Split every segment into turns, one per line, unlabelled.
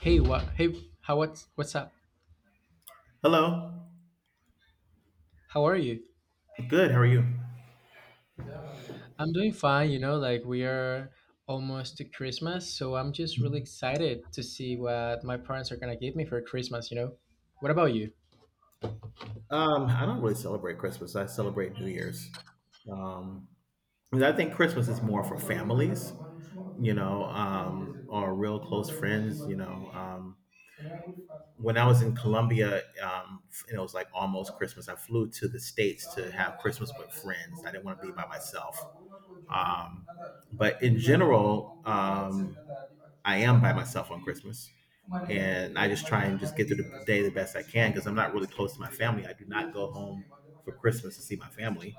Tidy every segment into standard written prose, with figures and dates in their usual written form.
Hey, what? Hey, how? What's up?
Hello.
How are you?
Good. How are you?
I'm doing fine. You know, like we are almost to Christmas, so I'm just really excited to see what my parents are gonna give me for Christmas. You know, what about you?
I don't really celebrate Christmas. I celebrate New Year's. Um, 'Cause I think Christmas is more for families, you know, or real close friends, you know. When I was in Colombia, and it was like almost Christmas, I flew to the States to have Christmas with friends. I didn't want to be by myself. Um, but in general, I am by myself on Christmas, and I just try and just get through the day the best I can because I'm not really close to my family. I do not go home for Christmas to see my family,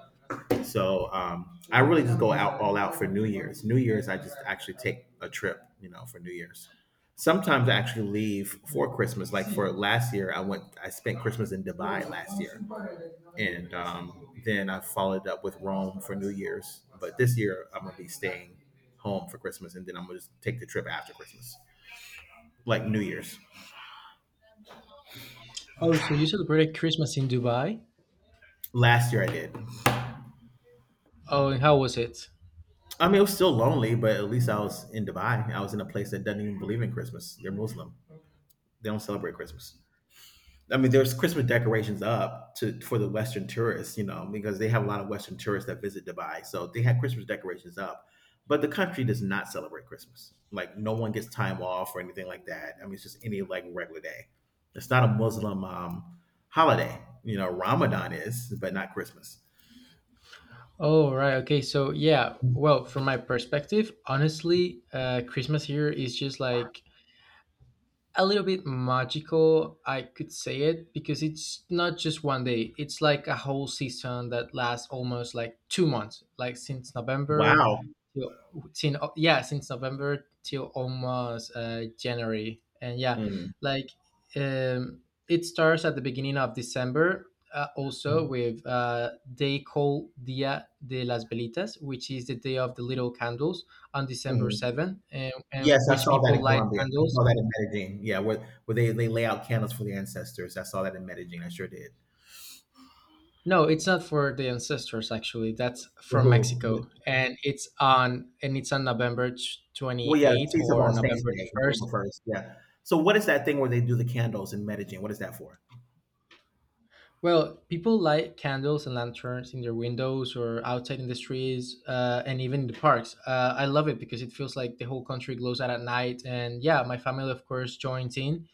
so I really just go out all out for New Year's. New Year's, I just actually take a trip, you know, for New Year's. Sometimes I actually leave for Christmas. Like for last year, I spent Christmas in Dubai last year, and then I followed up with Rome for New Year's. But this year, I'm gonna be staying home for Christmas, and then I'm gonna just take the trip after Christmas like New Year's.
Oh, so you celebrated Christmas in Dubai?
Last year I did.
Oh, and how was it?
I mean, it was still lonely, but at least I was in Dubai. I was in a place that doesn't even believe in Christmas. They're Muslim. They don't celebrate Christmas. I mean, there's Christmas decorations up to for the Western tourists, you know, because they have a lot of Western tourists that visit Dubai, so they had Christmas decorations up. But the country does not celebrate Christmas. Like, no one gets time off or anything like that. I mean, it's just any like regular day. It's not a Muslim holiday. You know, Ramadan is, but not Christmas.
Oh, right. Okay. So, yeah. Well, from my perspective, honestly, Christmas here is just like a little bit magical, I could say it, because it's not just one day. It's like a whole season that lasts almost like 2 months, like since November
Wow.
till, yeah, since November till almost January. And yeah,
Mm.
like um, it starts at the beginning of December. Also with They call Dia de las Velitas, which is the day of the little candles on December
Mhm.
7th, and
Yes, I
which
saw that
people
in
light
Colombia. I
candles.
saw that in Medellin. Yeah, where they lay out candles for the ancestors. I saw that in Medellin. I sure did.
No, it's not for the ancestors actually. That's
For
from
who? Yeah.
Mexico, and it's on November
Well,
twenty
yeah,
eighth
Feast of
or
All Saints
November the
Day, November
first.
1st. Yeah. So, what is that thing where they do the candles in Medellin? What is that for?
Well, people light candles and lanterns in their windows or outside in the streets, and even in the parks. I love it because it feels like the whole country glows out at night, and yeah, my family of course joins in,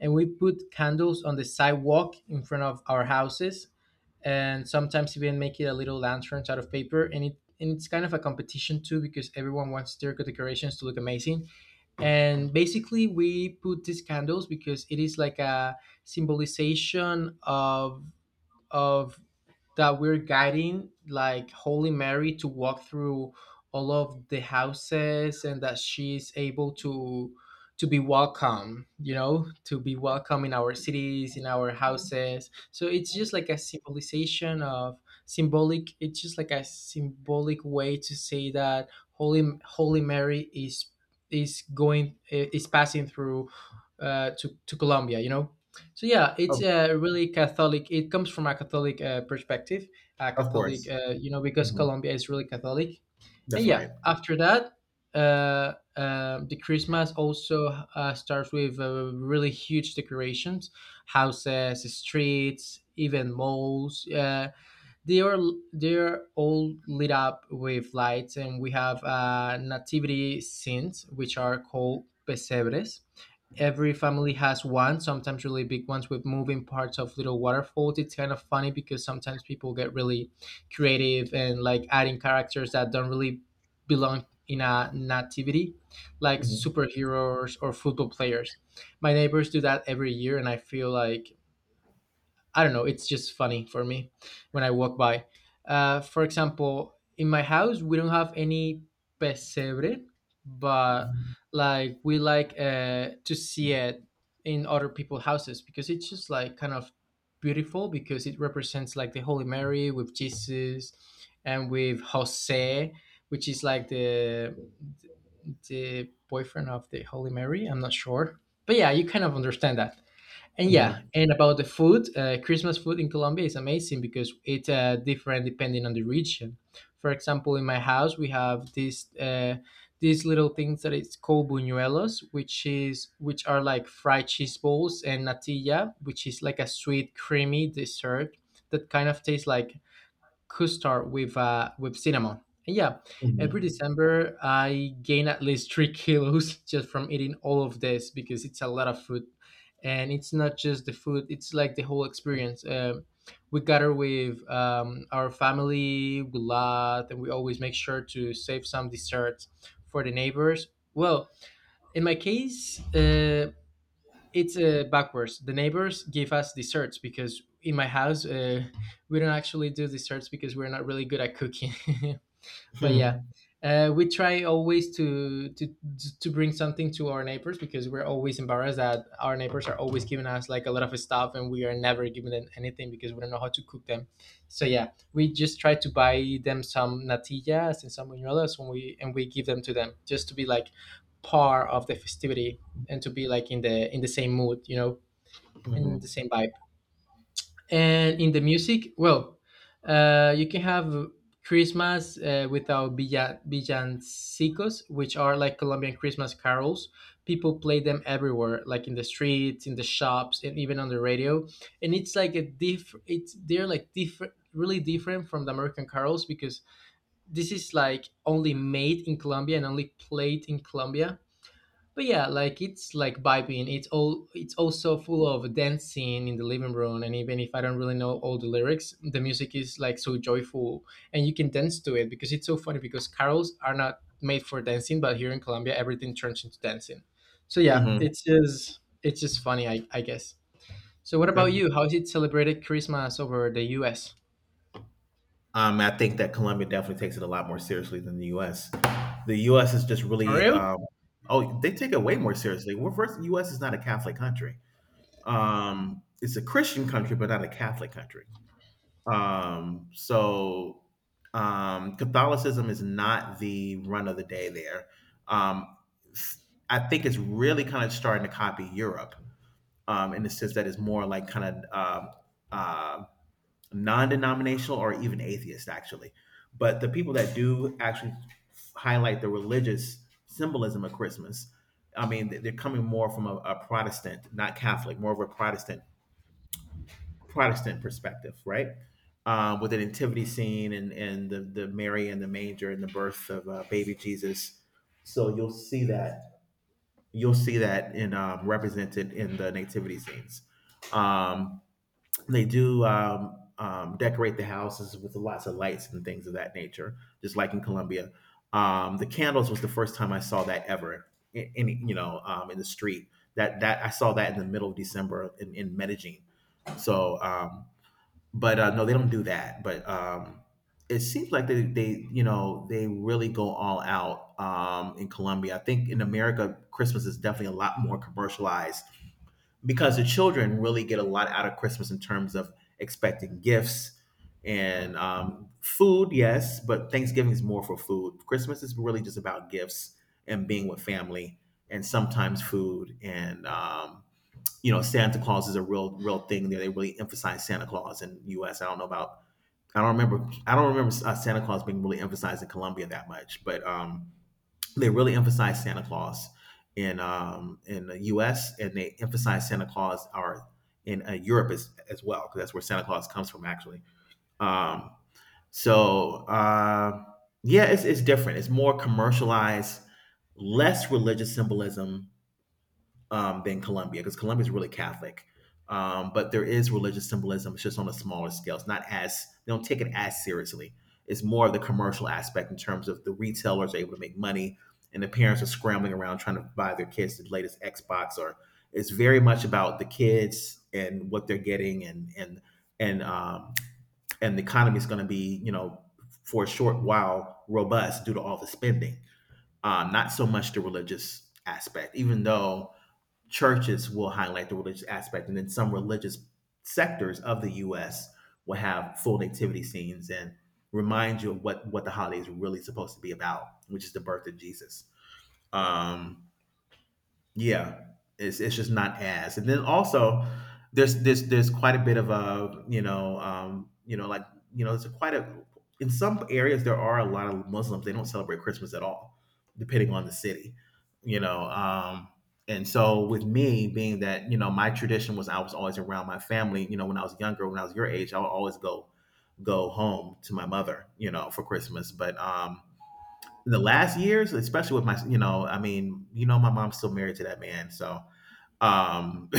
and we put candles on the sidewalk in front of our houses and sometimes even make it a little lanterns out of paper, and it's kind of a competition too because everyone wants their decorations to look amazing. And basically we put these candles because it is like a symbolization of that we're guiding like Holy Mary to walk through all of the houses and that she's able to be welcome, to be welcome in our cities, in our houses. So it's just like a symbolization of symbolic it's just like a symbolic way to say that Holy Mary is going is passing through to Colombia. So yeah, it's
Of,
really Catholic. It comes from a Catholic perspective, a
of
Catholic,
course.
you know, because
Mhm.
Colombia is really Catholic. And
That's
yeah,
right.
after that, the Christmas also starts with really huge decorations, houses, streets, even malls. They are they're all lit up with lights, and we have nativity scenes, which are called pesebres. Every family has one, sometimes really big ones with moving parts of little waterfalls. It's kind of funny because sometimes people get really creative and like adding characters that don't really belong in a nativity, like
Hmm.
superheroes or football players. My neighbors do that every year, and I feel like, I don't know. It's just funny for me when I walk by. For example, in my house, we don't have any pesebre, but like we like to see it in other people's houses because it's just like kind of beautiful because it represents like the Holy Mary with Jesus and with Jose, which is like the boyfriend of the Holy Mary. I'm not sure, but yeah, you kind of understand that. And yeah,
Hmm.
and about the food, Christmas food in Colombia is amazing because it's different depending on the region. For example, in my house we have this these little things that is called buñuelos, which are like fried cheese balls, and natilla, which is like a sweet, creamy dessert that kind of tastes like custard with with cinnamon. And yeah, every
Hmm.
December I gain at least 3 kilos just from eating all of this because it's a lot of food, and it's not just the food; it's like the whole experience. We gather with our family, we laugh, and we always make sure to save some desserts for the neighbors. Well, in my case, it's backwards. The neighbors give us desserts because in my house we don't actually do desserts because we're not really good at cooking. But yeah,
Hmm.
we try always to bring something to our neighbors because we're always embarrassed that our neighbors are always giving us like a lot of stuff and we are never giving them anything because we don't know how to cook them. So yeah, we just try to buy them some natillas and some buñuelos when we and we give them to them just to be like part of the festivity and to be like in the same mood, in the
Hmm.
same vibe. And in the music, well, you can have Christmas without villancicos, which are like Colombian Christmas carols. People play them everywhere, like in the streets, in the shops, and even on the radio. And it's like a different, really different from the American carols because this is like only made in Colombia and only played in Colombia. But yeah, like it's like vibing. It's also full of dancing in the living room, and even if I don't really know all the lyrics, the music is like so joyful, and you can dance to it because it's so funny because carols are not made for dancing, but here in Colombia everything turns into dancing. So yeah,
Hmm.
it's just funny, I guess. So what about
Okay.
you, how is it celebrated Christmas over the US?
I think that Colombia definitely takes it a lot more seriously than the U.S. The U.S. is just
For
really
real.
oh, they take it way more seriously. Well, first, the U.S. is not a Catholic country. It's a Christian country, but not a Catholic country. Um, so Catholicism is not the run of the day there. Um, I think it's really kind of starting to copy Europe in the sense that it's more like kind of uh, non-denominational or even atheist actually, but the people that do actually highlight the religious symbolism of Christmas, I mean, are coming more from a Protestant, not Catholic, more of a Protestant perspective, right? With the nativity scene and the Mary and the manger and the birth of baby Jesus. So you'll see that in represented in the nativity scenes. Um, they do um, um, decorate the houses with lots of lights and things of that nature, just like in Colombia. The candles was the first time I saw that ever in you know in the street. That I saw that in the middle of December, in Medellin. So, but No, they don't do that. But It seems like you know, they really go all out in Colombia. I think in America, Christmas is definitely a lot more commercialized because the children really get a lot out of Christmas in terms of expecting gifts and food, yes, but Thanksgiving is more for food. Christmas is really just about gifts and being with family and sometimes food and you know, Santa Claus is a real thing there. They really emphasize Santa Claus in U.S. I don't know about I don't remember Santa Claus being really emphasized in Colombia that much, but they really emphasize Santa Claus in the U.S., and they emphasize Santa Claus are in Europe as well, because that's where Santa Claus comes from actually. Um, so uh, yeah, it's different. It's more commercialized, less religious symbolism, than Colombia because Colombia is really Catholic. But there is religious symbolism. It's just on a smaller scale. It's not as they don't take it as seriously. It's more of the commercial aspect in terms of the retailers are able to make money, and the parents are scrambling around trying to buy their kids the latest Xbox. Or it's very much about the kids and what they're getting, and um, and the economy is going to be, you know, for a short while robust due to all the spending. Not so much the religious aspect, even though churches will highlight the religious aspect, and then some religious sectors of the U.S. will have full nativity scenes and remind you of what the holidays are really supposed to be about, which is the birth of Jesus. Um, yeah, it's just not as. And then also, there's quite a bit of a you know like you know it's a quite a in some areas there are a lot of Muslims, they don't celebrate Christmas at all, depending on the city, you know. And so with me being that you know my tradition was I was always around my family. You know when I was younger, when I was your age, I would always go home to my mother, you know, for Christmas. But In the last years, especially with my, you know, I mean, you know, my mom's still married to that man, so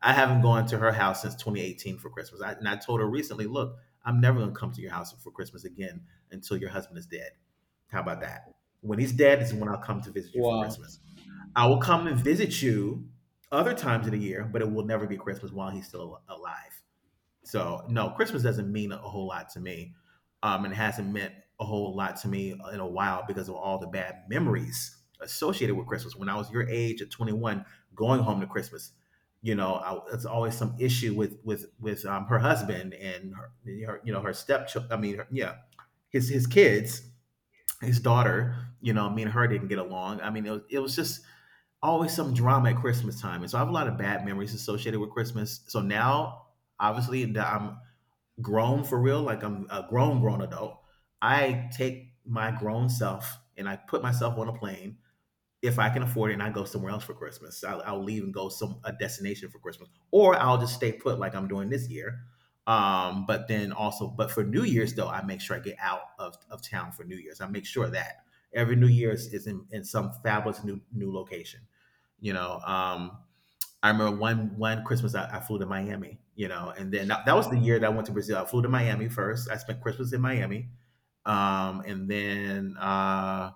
I haven't gone to her house since 2018 for Christmas. And I told her recently, look, I'm never going to come to your house for Christmas again until your husband is dead. How about that? When he's dead is when I'll come to visit you for
Wow.
Christmas. I will come and visit you other times of the year, but it will never be Christmas while he's still alive. So no, Christmas doesn't mean a whole lot to me, and it hasn't meant a whole lot to me in a while because of all the bad memories associated with Christmas. When I was your age at 21, going home to Christmas, you know, it's always some issue with her husband and her you know her stepchild. I mean, yeah, his kids, his daughter. You know, me and her didn't get along. I mean, it was just always some drama at Christmas time, and so I have a lot of bad memories associated with Christmas. So now, obviously, that I'm grown for real, like I'm a grown, grown adult, I take my grown self and I put myself on a plane if I can afford it, and I go somewhere else for Christmas. I'll leave and go some a destination for Christmas, or I'll just stay put like I'm doing this year. But then also, but for New Year's though, I make sure I get out of town for New Year's. I make sure that every New Year's is in some fabulous new location. You know, I remember one Christmas I flew to Miami, you know, and then that was the year that I went to Brazil. I flew to Miami first. I spent Christmas in Miami, um, and then uh,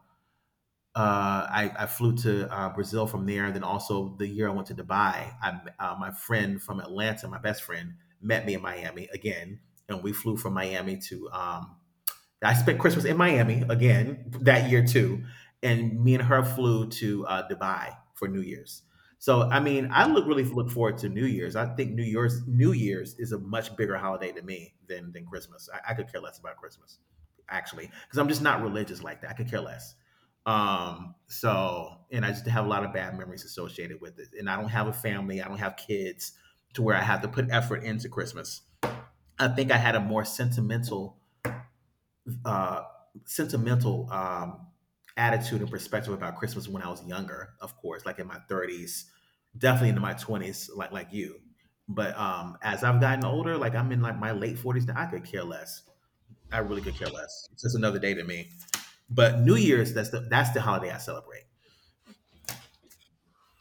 I flew to Brazil from there. Then also the year I went to Dubai, my friend from Atlanta, my best friend, met me in Miami again, and we flew from Miami to I spent Christmas in Miami again that year too, and me and her flew to Dubai for New Year's. So I mean, I look really look forward to New Year's. I think New Year's is a much bigger holiday to me than Christmas. I could care less about Christmas actually because I'm just not religious like that. I could care less. So and I just have a lot of bad memories associated with it. And I don't have a family. I don't have kids to where I have to put effort into Christmas. I think I had a more sentimental uh, sentimental um, attitude and perspective about Christmas when I was younger, of course, like in my 30s, definitely into my 20s, like you. But As I've gotten older, like I'm in like my late 40s now, I could care less. I really could care less. It's just another day to me. But New Year's, that's the holiday I celebrate.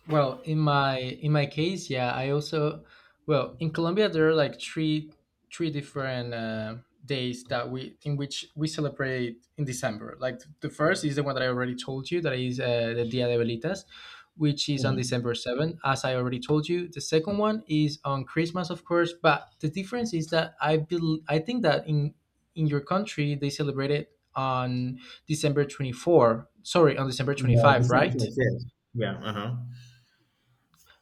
Well, in my case, yeah, I also, well, in Colombia there are like three different days that we in which we celebrate in December. Like the first is the one that I already told you that is the Dia de Velitas, which is on
Mm.
December 7th, as I already told you. The second one is on Christmas, of course, but the difference is that I think that in your country they celebrate it on December 24. Sorry, on December twenty
No,
five,
December
right?
26th. Yeah. Uh huh.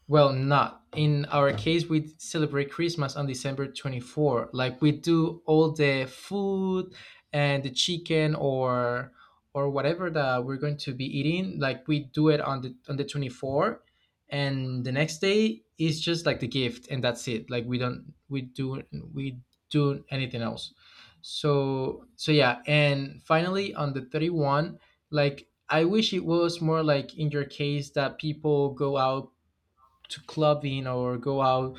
Well, not in our case. We celebrate Christmas on December 24. Like we do all the food and the chicken or whatever that we're going to be eating. Like we do it on the 24, and the next day is just like the gift, and that's it. Like we don't we do anything else. So yeah, and finally on the 31, like I wish it was more like in your case that people go out to clubbing or go out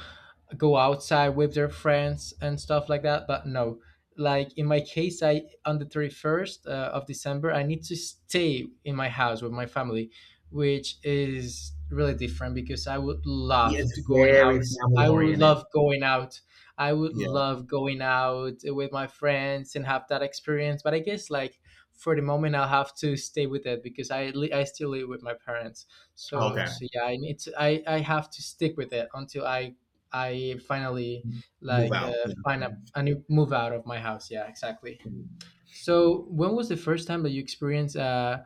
go outside with their friends and stuff like that, but no. Like in my case, I, on the 31st of December, I need to stay in my house with my family, which is really different because
Yeah, it's very family
i would
oriented.
love going out I would
Yeah.
love going out with my friends and have that experience. But I guess like for the moment I'll have to stay with it because I still live with my parents. so
Okay.
so yeah, I have to stick with it until I finally,
Move
like,
out. Yeah.
find a new move out of my house. Yeah, exactly. So when was the first time that you experienced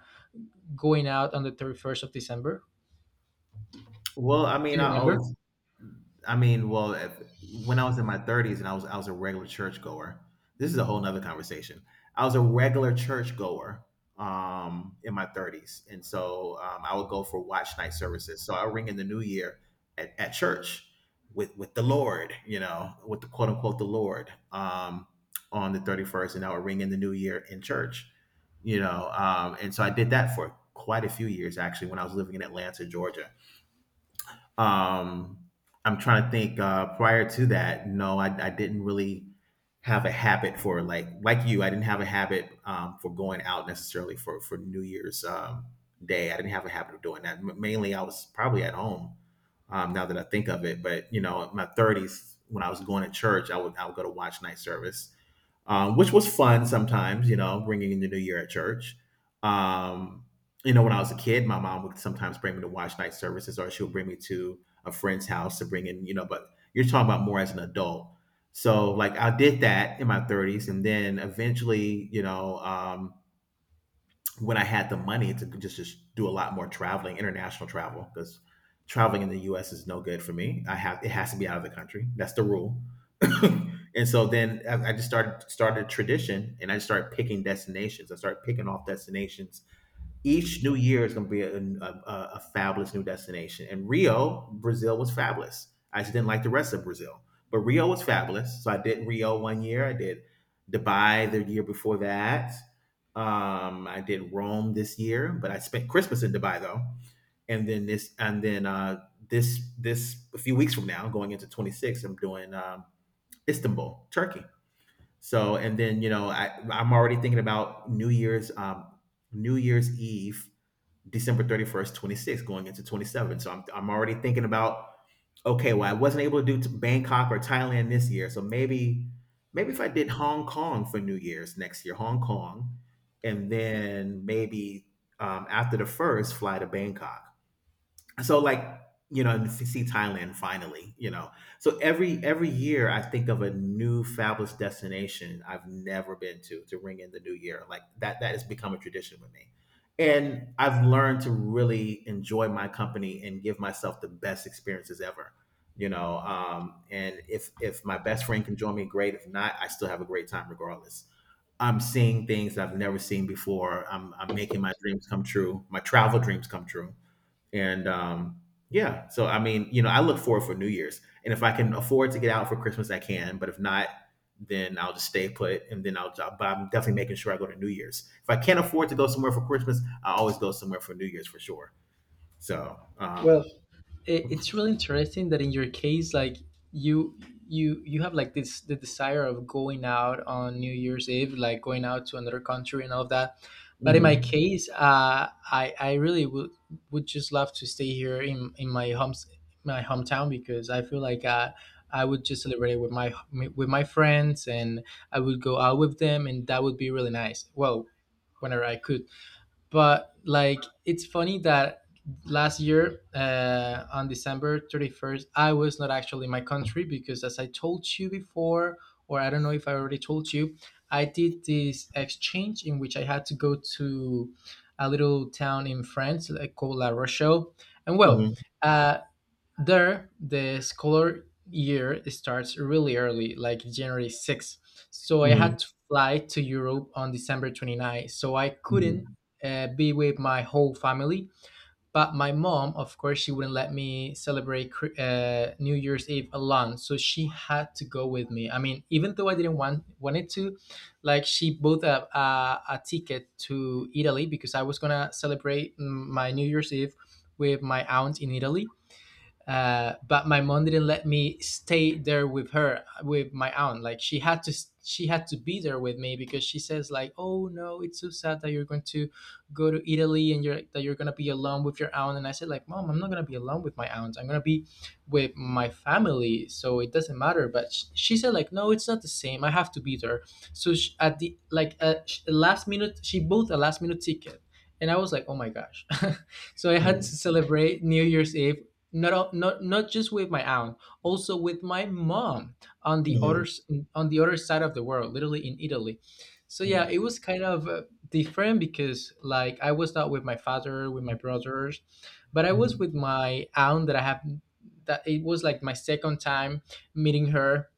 going out on the 31st of December?
Well, I
Do
mean,
you
I
remember?
always I mean, well, if, when I was in my 30s and I was a regular churchgoer. This is a whole nother conversation. I was a regular churchgoer in my 30s, and so I would go for watch night services. So I ring in the new year at church with the Lord, you know, with the quote unquote the Lord on the 31st, and I would ring in the new year in church, you know, and so I did that for quite a few years actually when I was living in Atlanta, Georgia. Um, I'm trying to think. Prior to that, no, I didn't really have a habit for like you. I didn't have a habit for going out necessarily for New Year's Day. I didn't have a habit of doing that. Mainly, I was probably at home. Now that I think of it, but you know, in my 30s when I was going to church, I would go to watch night service which was fun sometimes, you know, bringing in the new year at church. Um, you know, when I was a kid, my mom would sometimes bring me to watch night services or she would bring me to a friend's house to bring in, you know, but you're talking about more as an adult. So, like, I did that in my 30s. And then eventually, you know, when I had the money to just do a lot more traveling, international travel, because traveling in the U.S. is no good for me. I have it has to be out of the country. That's the rule. And so then I just started a tradition, and I just started picking destinations. I started picking off destinations. Each new year is going to be a fabulous new destination. And Rio, Brazil was fabulous. I just didn't like the rest of Brazil, but Rio was fabulous. So I did Rio one year. I did Dubai the year before that. I did Rome this year, but I spent Christmas in Dubai though. And then this, this a few weeks from now, going into 26, I'm doing Istanbul, Turkey. So, and then you know, I'm already thinking about New Year's, New Year's Eve, December 31st, 26, going into 27. So I'm already thinking about, okay, well, I wasn't able to do Bangkok or Thailand this year. So maybe if I did Hong Kong for New Year's next year, Hong Kong, and then maybe after the first, fly to Bangkok, so like you know and see Thailand finally. So every year I think of a new fabulous destination I've never been to ring in the new year like that. That has become a tradition with me, and I've learned to really enjoy my company and give myself the best experiences ever, you know, and if my best friend can join me, great. If not, I still have a great time regardless. I'm seeing things that I've never seen before, I'm making my dreams come true, my travel dreams come true. And yeah, so I mean, you know, I look forward for New Year's, and if I can afford to get out for Christmas, I can. But if not, then I'll just stay put, and then I'll. But I'm definitely making sure I go to New Year's. If I can't afford to go somewhere for Christmas, I always go somewhere for New Year's for sure. So.
Well. It's really interesting that in your case, like, you you have like this the desire of going out on New Year's Eve, like going out to another country and all of that. But in my
Mhm,
case, I really would just love to stay here in my hometown because I feel like, I would just celebrate with my friends, and I would go out with them, and that would be really nice. Well, whenever I could. But like, it's funny that last year, on December 31st, I was not actually in my country because as I told you before, or I don't know if I already told you, I did this exchange in which I had to go to a little town in France, like, called La Rochelle. And well,
mhm,
uh, there, the scholar year starts really early, like January 6th. So I
mhm,
had to fly to Europe on December 29th. So I couldn't
mhm,
be with my whole family. But my mom, of course, she wouldn't let me celebrate New Year's Eve alone. So she had to go with me. I mean, even though I didn't want wanted to, like she bought a ticket to Italy because I was gonna celebrate my New Year's Eve with my aunt in Italy, but my mom didn't let me stay there with my aunt. Like she had to be there with me because she says like, "Oh no, it's so sad that you're going to go to Italy and you're going to be alone with your aunt." And I said like, "Mom, I'm not going to be alone with my aunt. I'm going to be with my family, so it doesn't matter." But she said like, "No, it's not the same. I have to be there." So sh at the like sh- last minute, she bought a last minute ticket, and I was like, "Oh my gosh." So I had to celebrate New Year's Eve not not just with my aunt, also with my mom, on
mhm,
on the other side of the world, literally in Italy. So
mhm,
yeah,
mhm,
it was kind of different because like I was not with my father, with my brothers, but I was
mhm,
with my aunt that I have, that it was like my second time meeting her.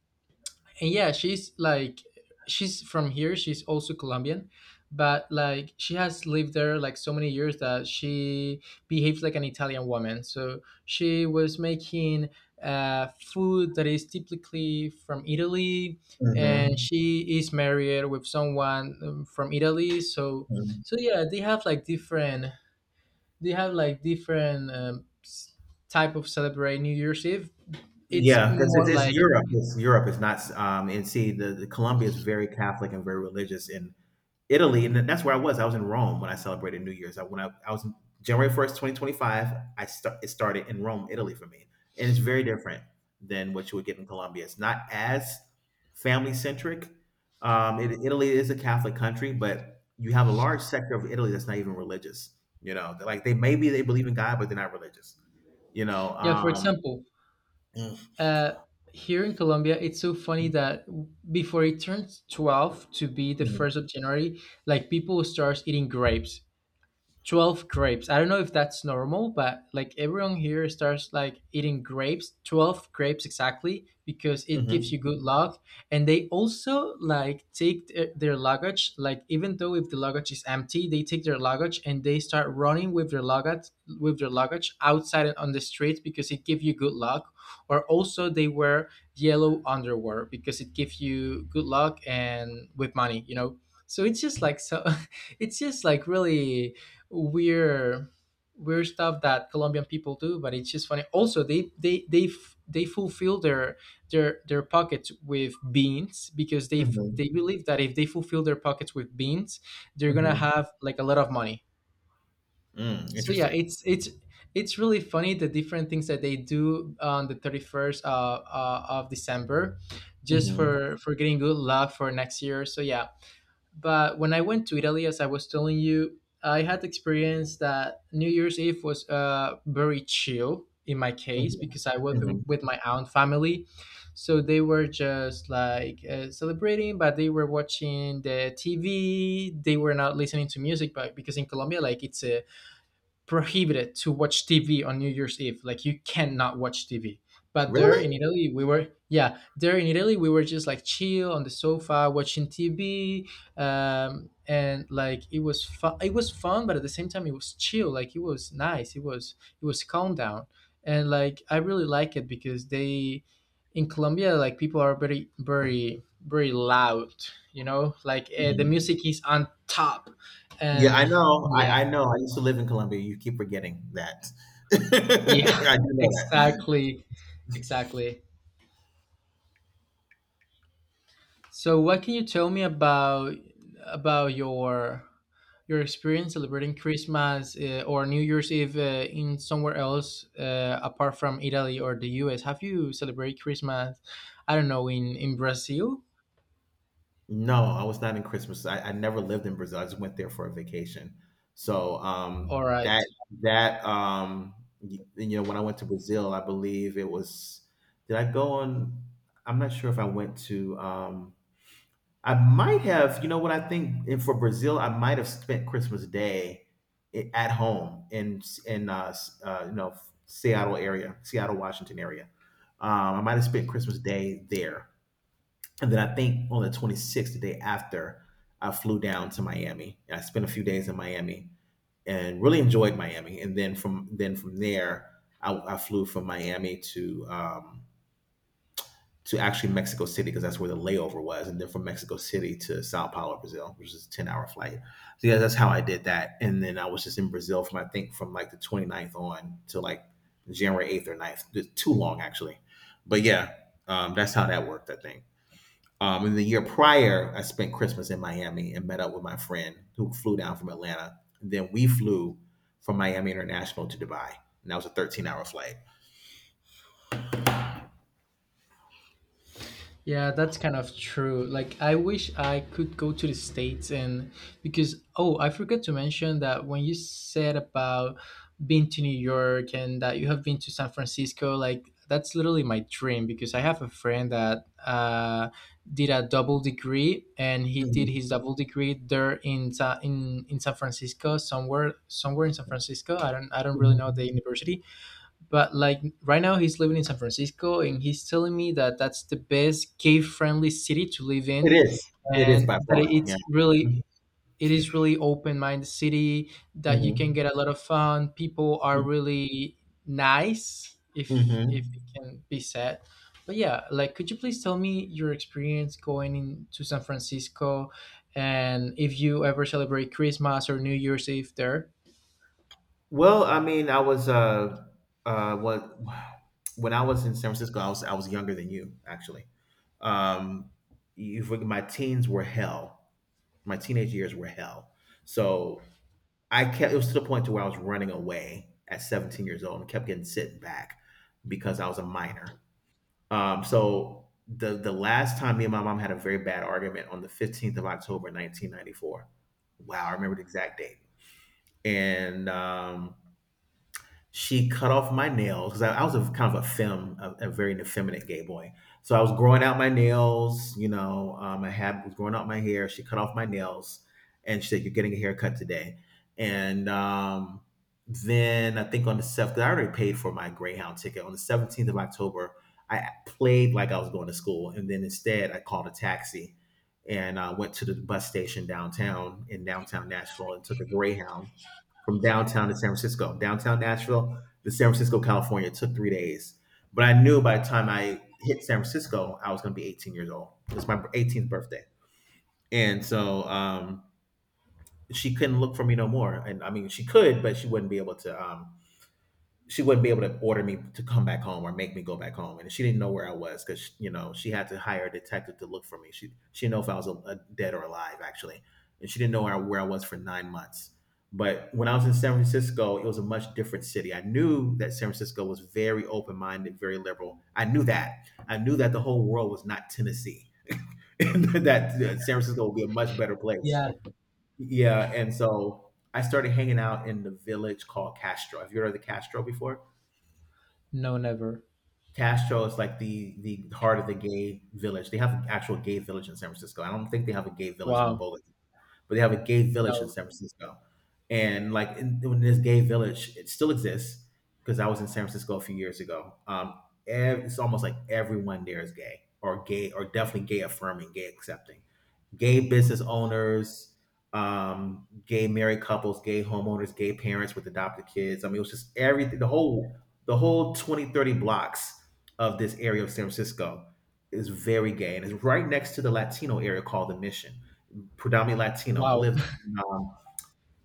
And yeah, she's from here, she's also Colombian, but like she has lived there like so many years that she behaves like an Italian woman. So she was making food that is typically from Italy, and
mhm,
she is married with someone from Italy. So
mhm.
so yeah, they have like different, they have like different, type of celebrate New Year's Eve. It's
Yeah, because
more
it's
like,
Europe. It's Europe. It's not. And see, the Colombia is very Catholic and very religious, and Italy, and that's where I was. I was in Rome when I celebrated New Year's. I when I was January 1st, 2025. I start it started in Rome, Italy for me, and it's very different than what you would get in Colombia. It's not as family centric. Italy is a Catholic country, but you have a large sector of Italy that's not even religious. You know, They're like they maybe they believe in God, but they're not religious. You know,
yeah, for
um,
example,
mm,
uh, here in Colombia, it's so funny that before it turns 12 to be the
mhm,
1st of January, like people start eating grapes. 12 grapes. I don't know if that's normal, but like everyone here starts like eating grapes, 12 grapes exactly, because it gives
mhm,
you good luck. And they also like take their luggage, like even though if the luggage is empty, they take their luggage and they start running with their luggage outside on the streets because it gives you good luck. Or also they wear yellow underwear because it gives you good luck and with money, you know. So it's just like so, it's just like really weird weird stuff that Colombian people do, but it's just funny. Also, they fulfill their pockets with beans because
mhm,
they believe that if they fulfill their pockets with beans, they're gonna
mhm,
have like a lot of money.
mm,
So yeah,
interesting.
it's really funny the different things that they do on the 31st of December, just
Hmm.
for getting good luck for next year. So yeah, but when I went to Italy, as I was telling you, I had the experience that New Year's Eve was very chill in my case
Hmm.
because I was
Hmm.
with my aunt family. So they were just like celebrating, but they were watching the TV. They were not listening to music, but because in Colombia, like it's a prohibited to watch TV on New Year's Eve. Like you cannot watch TV. But there
Really?
in Italy, we were yeah. There in Italy, we were just like chill on the sofa watching TV, and like it was fun. It was fun, but at the same time, it was chill. Like it was nice. It was calm down, and like I really like it because they, in Colombia, like people are very very loud. You know, like the
Mm-hmm.
music is on top,
Yeah,
and
I know.
yeah.
I know. I used to live in Colombia. You keep forgetting that.
Yeah,
I do know that.
exactly. Exactly. So what can you tell me about about your your experience celebrating Christmas or New Year's Eve in somewhere else apart from Italy or the US? Have you celebrated Christmas, I don't know, in Brazil?
No, I was not in Christmas. I never lived in Brazil. I just went there for a vacation. So
All right.
that um, you know, when I went to Brazil, I believe it was. Did I go on? I'm not sure if I went to. I might have, you know what I think, and for Brazil, I might have spent Christmas Day at home in you know, Seattle area, Seattle, Washington area. I might have spent Christmas Day there, and then I think on the 26th, the day after, I flew down to Miami and I spent a few days in Miami and really enjoyed Miami. And then from there, I flew from Miami to actually Mexico City because that's where the layover was, and then from Mexico City to Sao Paulo, Brazil, which is a 10-hour flight. So yeah, that's how I did that, and then I was just in Brazil from I think from like the twenty-ninth on to like January 8th or ninth. Too long actually, but yeah, that's how that worked. I think. And the year prior, I spent Christmas in Miami and met up with my friend who flew down from Atlanta. And then we flew from Miami International to Dubai, and that was a 13-hour flight.
Yeah, that's kind of true. Like, I wish I could go to the States and because, oh, I forgot to mention that when you said about being to New York and that you have been to San Francisco, like, that's literally my dream because I have a friend that did a double degree and he did his double degree there in in San Francisco, somewhere in San Francisco. I don't really know
Mhm.
the university, but like right now, he's living in San Francisco, and he's telling me that that's the best gay-friendly city to live
It
in,
is. It is
and
by
that
far. Yeah.
it's really, it is really open-minded city that you can
Mhm.
get a lot of fun. People are really nice, if it
Mhm.
can be said. But yeah, like, could you please tell me your experience going in to San Francisco, and if you ever celebrate Christmas or New Year's Eve there?
Well, I mean, I was what when I was in San Francisco, I was younger than you actually. Um, my teens were hell. My teenage years were hell. So I kept it was to the point to where I was running away at 17 years old and kept getting sent back because I was a minor. So the last time me and my mom had a very bad argument on the 15th of October, 1994. Wow, I remember the exact date. And she cut off my nails because I was a kind of a very effeminate gay boy. So I was growing out my nails, you know, I had was growing out my hair. She cut off my nails, and she said, "You're getting a haircut today." And then I think on the seventh, I already paid for my Greyhound ticket. On the 17th of October, I played like I was going to school, and then instead I called a taxi and went to the bus station downtown in downtown Nashville and took a Greyhound from downtown to San Francisco, downtown Nashville to San Francisco, California. It took 3 days, but I knew by the time I hit San Francisco, I was going to be 18 years old. It was my 18th birthday, and so she couldn't look for me no more. And I mean, she could, but she wouldn't be able to she wouldn't be able to order me to come back home or make me go back home. And she didn't know where I was because she had to hire a detective to look for me. She didn't know if I was a dead or alive actually, and she didn't know where I was for 9 months. But when I was in San Francisco, it was a much different city. I knew that San Francisco was very open minded, very liberal. I knew that. I knew that the whole world was not Tennessee, that San Francisco would be a much better place.
Yeah.
Yeah, and so I started hanging out in the village called Castro. Have you heard of the Castro before?
No, never.
Castro is like the heart of the gay village. They have an actual gay village in San Francisco. I don't think they have a gay village in
Wow.
Boca, but they have a gay village in
No.
San Francisco. And like in this gay village, it still exists because I was in San Francisco a few years ago. It's almost like everyone there is gay or gay or definitely gay affirming, gay accepting gay business owners, gay married couples, gay homeowners, gay parents with adopted kids. I mean, it was just everything. The whole 20, 30 blocks of this area of San Francisco is very gay, and it's right next to the Latino area called the Mission, predominantly Latino. I
Wow.
lived um,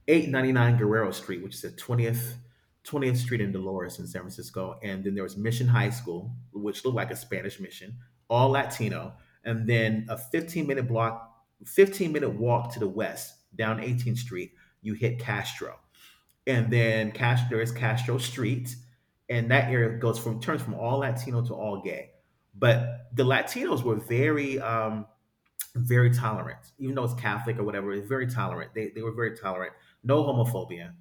899 Guerrero Street, which is the 20th Street in Dolores in San Francisco. And then there was Mission High School, which looked like a Spanish mission, all Latino. And then a 15-minute block, 15-minute walk to the west down 18th Street, you hit Castro. And then Castro, there is Castro Street. And that area goes from turns from all Latino to all gay. But the Latinos were very very tolerant, even though it's Catholic or whatever. It's very tolerant. They were very tolerant. No homophobia,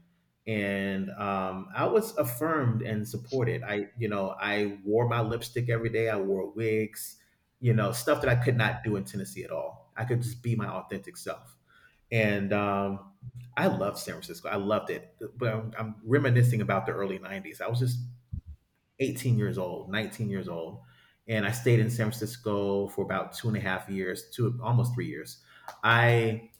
and I was affirmed and supported. I you know I wore my lipstick every day. I wore wigs, stuff that I could not do in Tennessee at all. I could just be my authentic self, and I loved San Francisco. I loved it, but I'm reminiscing about the early '90s. I was just 18 years old, 19 years old. And I stayed in San Francisco for about 2.5 years, two almost 3 years. I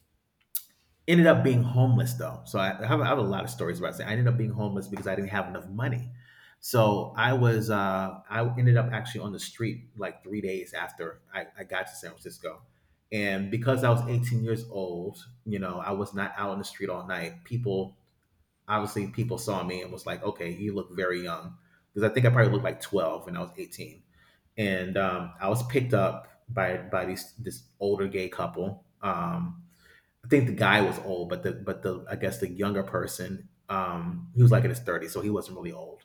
ended up being homeless, though. So I have a lot of stories about saying I ended up being homeless because I didn't have enough money. So I ended up actually on the street like 3 days after I got to San Francisco. And because I was 18 years old, I was not out on the street all night. People obviously people saw me and was like, okay, you look very young. Because I think I probably looked like 12 when I was 18. And I was picked up by this older gay couple. I think the guy was old, but the, I guess, the younger person, he was like in his 30s, so he wasn't really old.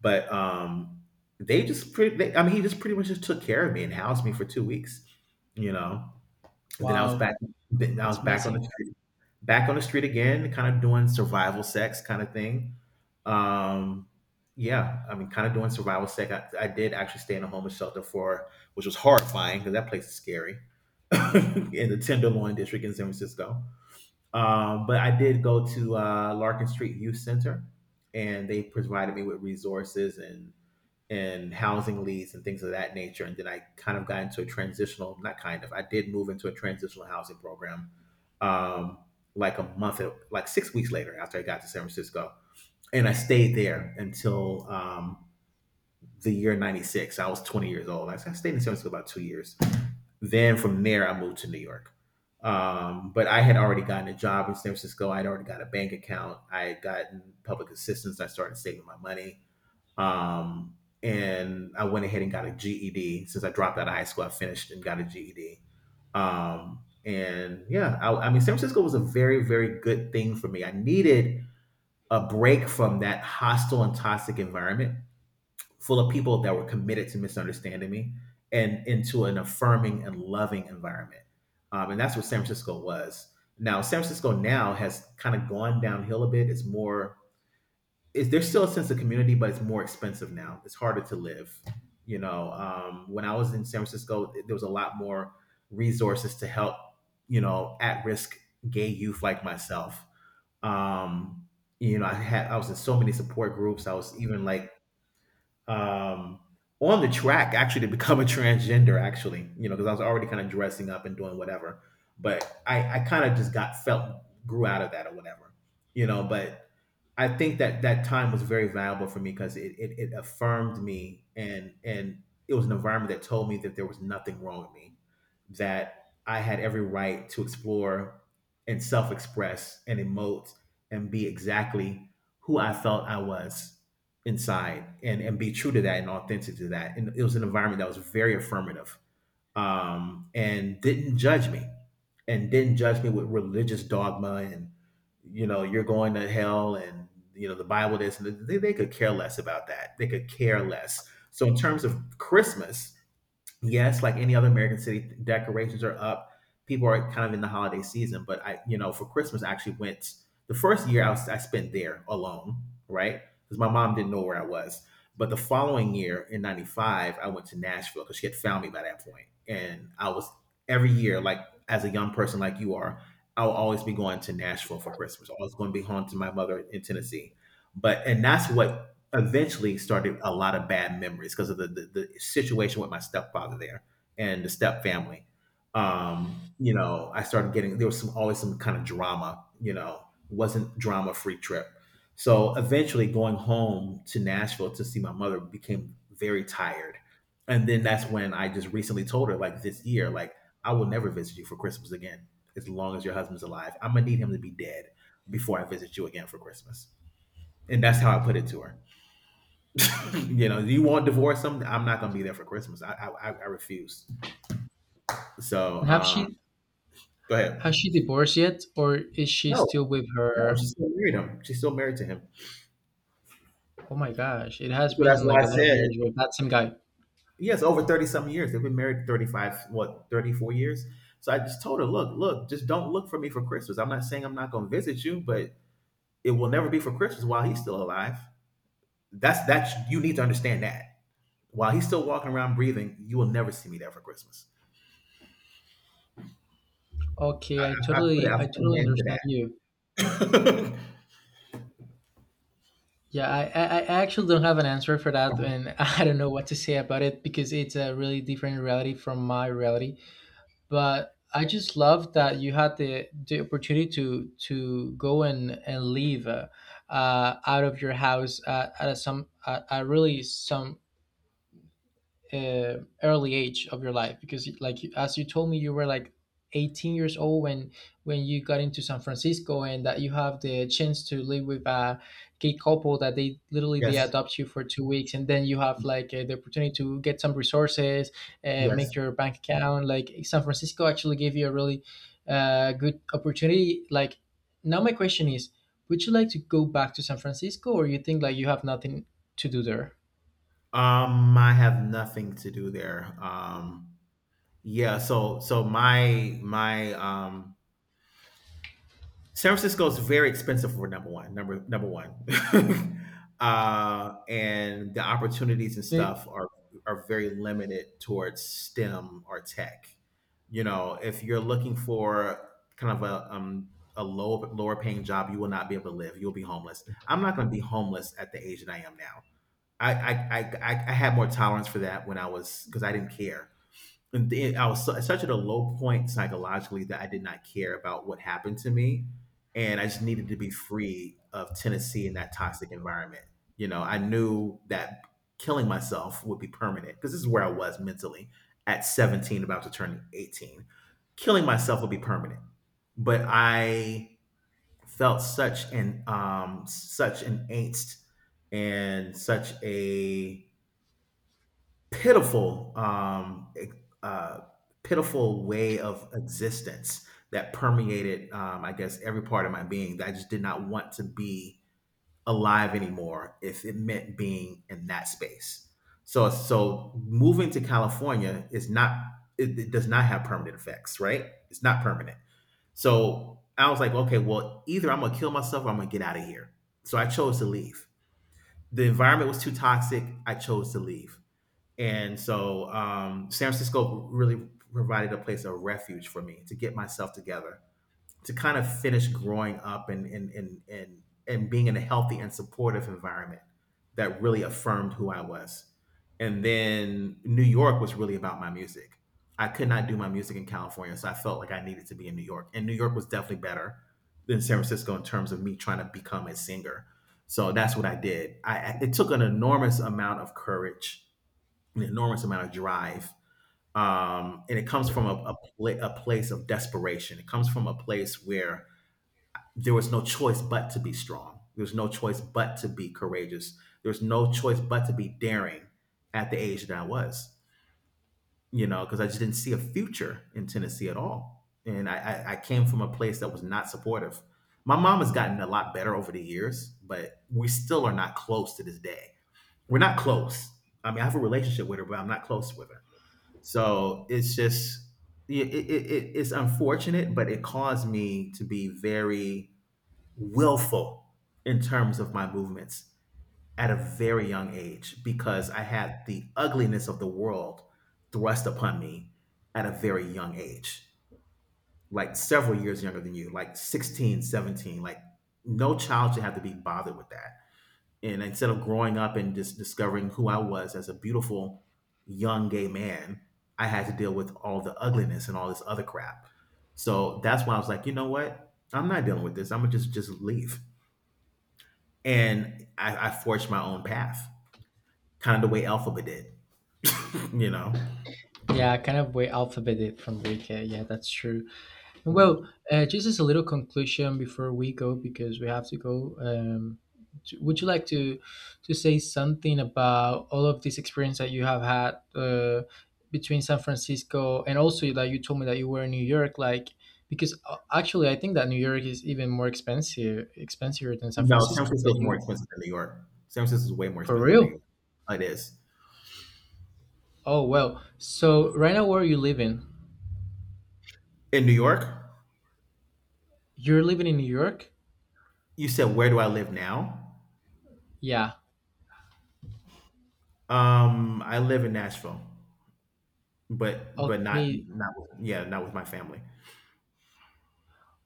But they just pretty, they, I mean, he just pretty much just took care of me and housed me for two weeks, you know. And then I was
Wow,
back, then I was
that's
back on the
amazing.
street, back on the street again, kind of doing survival sex kind of thing, um, yeah, I mean, kind of doing survival sec. I did actually stay in a homeless shelter for, which was horrifying because that place is scary in the Tenderloin district in San Francisco. But I did go to Larkin Street Youth Center, and they provided me with resources and housing leads and things of that nature. And then I kind of got into a transitional, not kind of, I did move into a transitional housing program, um, like a month, like 6 weeks later after I got to San Francisco, and I stayed there until the year '96. I was 20 years old. I stayed in San Francisco about 2 years. Then from there, I moved to New York. But I had already gotten a job in San Francisco. I'd already got a bank account. I had gotten public assistance. I started saving my money. Um, and I went ahead and got a GED. Since I dropped out of high school, I finished and got a GED. And yeah, I mean, San Francisco was a very, very good thing for me. I needed a break from that hostile and toxic environment full of people that were committed to misunderstanding me, and into an affirming and loving environment. And that's what San Francisco was. Now, San Francisco now has kind of gone downhill a bit. There's still a sense of community, but it's more expensive now. It's harder to live. When I was in San Francisco, there was a lot more resources to help, at risk gay youth like myself. Um, I was in so many support groups. I was even like um, on the track actually to become a transgender. Actually, because I was already kind of dressing up and doing whatever, but I kind of just got felt grew out of that or whatever. But I think that that time was very valuable for me because it affirmed me, and it was an environment that told me that there was nothing wrong with me, that I had every right to explore and self express and emote and be exactly who I felt I was inside, and be true to that and authentic to that. And it was an environment that was very affirmative, and didn't judge me, and didn't judge me with religious dogma and you know you're going to hell and you know the Bible this, and they could care less about that. They could care less. So in terms of Christmas, yes, like any other American city, decorations are up. People are kind of in the holiday season, but for Christmas, I actually went the first year I spent there alone, right? Because my mom didn't know where I was. But the following year in '95, I went to Nashville because she had found me by that point. And I was every year, like as a young person, like you are, I'll always be going to Nashville for Christmas. Always going to be home to my mother in Tennessee. But and that's what eventually started a lot of bad memories because of the situation with my stepfather there and the step family. You know, I started getting There was some always some kind of drama, wasn't drama free trip. So eventually going home to Nashville to see my mother became very tired. And then that's when I just recently told her, like this year, like, I will never visit you for Christmas again as long as your husband's alive. I'm gonna need him to be dead before I visit you again for Christmas. And that's how I put it to her. You want divorce? Something, I'm not gonna be there for Christmas. I refuse. So
And have
um,
she,
go ahead.
has she divorced yet, or is she
No,
still with
no,
her?
she still married him. She's still married to him.
Oh my gosh, it has
So that's
been like
why I
a lot of
said
years with that same guy.
yes. Over 30 some years, they've been married 35, what, 34 years. So I just told her, look, look, just don't look for me for Christmas. I'm not saying I'm not gonna visit you, but it will never be for Christmas while he's still alive. That's You need to understand that. While he's still walking around breathing, you will never see me there for Christmas. I,
Okay,
I, I put, it, I
I
put an
totally
end
understand you.
to that.
Yeah, I actually don't have an answer for that, and I don't know what to say about it because it's a really different reality from my reality. But I just love that you had the opportunity to go and leave out of your house at, at really some early age of your life, because like as you told me, you were like 18 years old when you got into San Francisco, and that you have the chance to live with a gay couple that they literally they
Yes,
adopt you for 2 weeks, and then you have like the opportunity to get some resources, make
yes.
your bank account. Like San Francisco actually gave you a really good opportunity. Like now my question is, would you like to go back to San Francisco, or you think like you have nothing to do there?
I have nothing to do there. Yeah, so my San Francisco is very expensive, for number one, number one. And the opportunities and stuff are very limited towards STEM or tech. If you're looking for kind of a lower paying job, you will not be able to live. You'll be homeless. I'm not going to be homeless at the age that I am now. I had more tolerance for that when I was, because I didn't care. And then I was such at a low point psychologically that I did not care about what happened to me, and I just needed to be free of Tennessee and that toxic environment. I knew that killing myself would be permanent, because this is where I was mentally at 17, about to turn 18. Killing myself would be permanent, but I felt such an such an angst, and such a pitiful um, uh, pitiful way of existence that permeated, I guess, every part of my being, that I just did not want to be alive anymore if it meant being in that space. So moving to California is not, it does not have permanent effects, right? It's not permanent. So I was like, okay, well, either I'm gonna kill myself or I'm gonna get out of here. So I chose to leave. The environment was too toxic. I chose to leave. And so, San Francisco really provided a place of refuge for me to get myself together, to kind of finish growing up and being in a healthy and supportive environment that really affirmed who I was. And then New York was really about my music. I could not do my music in California, so I felt like I needed to be in New York. And New York was definitely better than San Francisco in terms of me trying to become a singer. So that's what I did. It took an enormous amount of courage, an enormous amount of drive. And it comes from a place of desperation. It comes from a place where there was no choice but to be strong. There's no choice but to be courageous. There's no choice but to be daring at the age that I was, because I just didn't see a future in Tennessee at all. And I came from a place that was not supportive. My mom has gotten a lot better over the years, but we still are not close to this day. We're not close. I mean, I have a relationship with her, but I'm not close with her. So it's just, yeah, it's unfortunate, but it caused me to be very willful in terms of my movements at a very young age, because I had the ugliness of the world thrust upon me at a very young age, like several years younger than you, like 16, 17. Like, no child should have to be bothered with that, and instead of growing up and just discovering who I was as a beautiful young gay man, I had to deal with all the ugliness and all this other crap. So that's why I was like, you know what? I'm not dealing with this. I'm gonna just leave. And I forged my own path, kind of the way Alphabet did. You know,
Yeah, kind of way alphabeted from Greek. Yeah, yeah, that's true. And well,
Mm.
just as a little conclusion before we go, because we have to go. Would you like to say something about all of this experience that you have had between San Francisco and also that you told me that you were in New York? Like, because actually, I think that New York is even more expensive than San
No, San
Francisco. But
Francisco is more
you,
expensive than New York. San Francisco is way more
for
expensive than New
real?
York. Oh, it is.
Oh well. So right now, where are you living?
In New York.
You're living in New York?
You said, where do I live now?
Yeah.
I live in Nashville. But not
Okay,
not with, yeah, not with my family.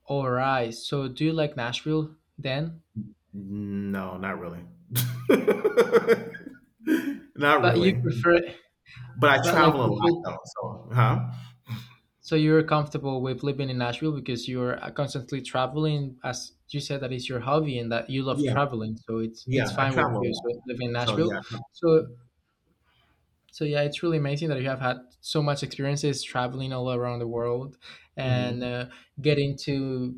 all right. So do you like Nashville then?
No, not really. Not
But you
really.
prefer,
But I
but like
travel a
you
lot,
feel,
though, so. Huh?
so you're comfortable with living in Nashville because you're constantly traveling, as you said that is your hobby and that you love
Yeah,
traveling. So it's
yeah,
it's
I
fine with
travel a
you.
lot.
So living in
So,
Nashville.
yeah.
So So yeah, it's really amazing that you have had so much experiences traveling all around the world, and
Mhm.
getting to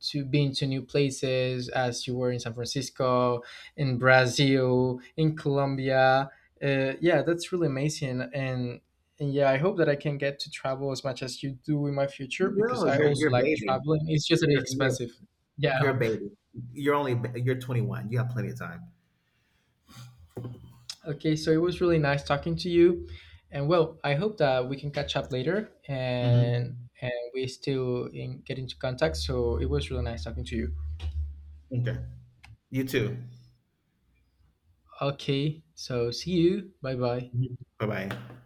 being to new places, as you were in San Francisco, in Brazil, in Colombia. Yeah, that's really amazing, and. And yeah, I hope that I can get to travel as much as you do in my future,
You
because
will.
I
you're
also
you're a
like
baby.
traveling. It's just that
You're you're
expensive.
you're a
Yeah,
baby. You're only you're 21, you have plenty of time.
okay, so it was really nice talking to you. And well, I hope that we can catch up later, and
Mhm.
we still in, get into contact. So it was really nice talking to you.
M'kay. You too.
Okay, so see you. Bye bye.
Bye. Bye-bye.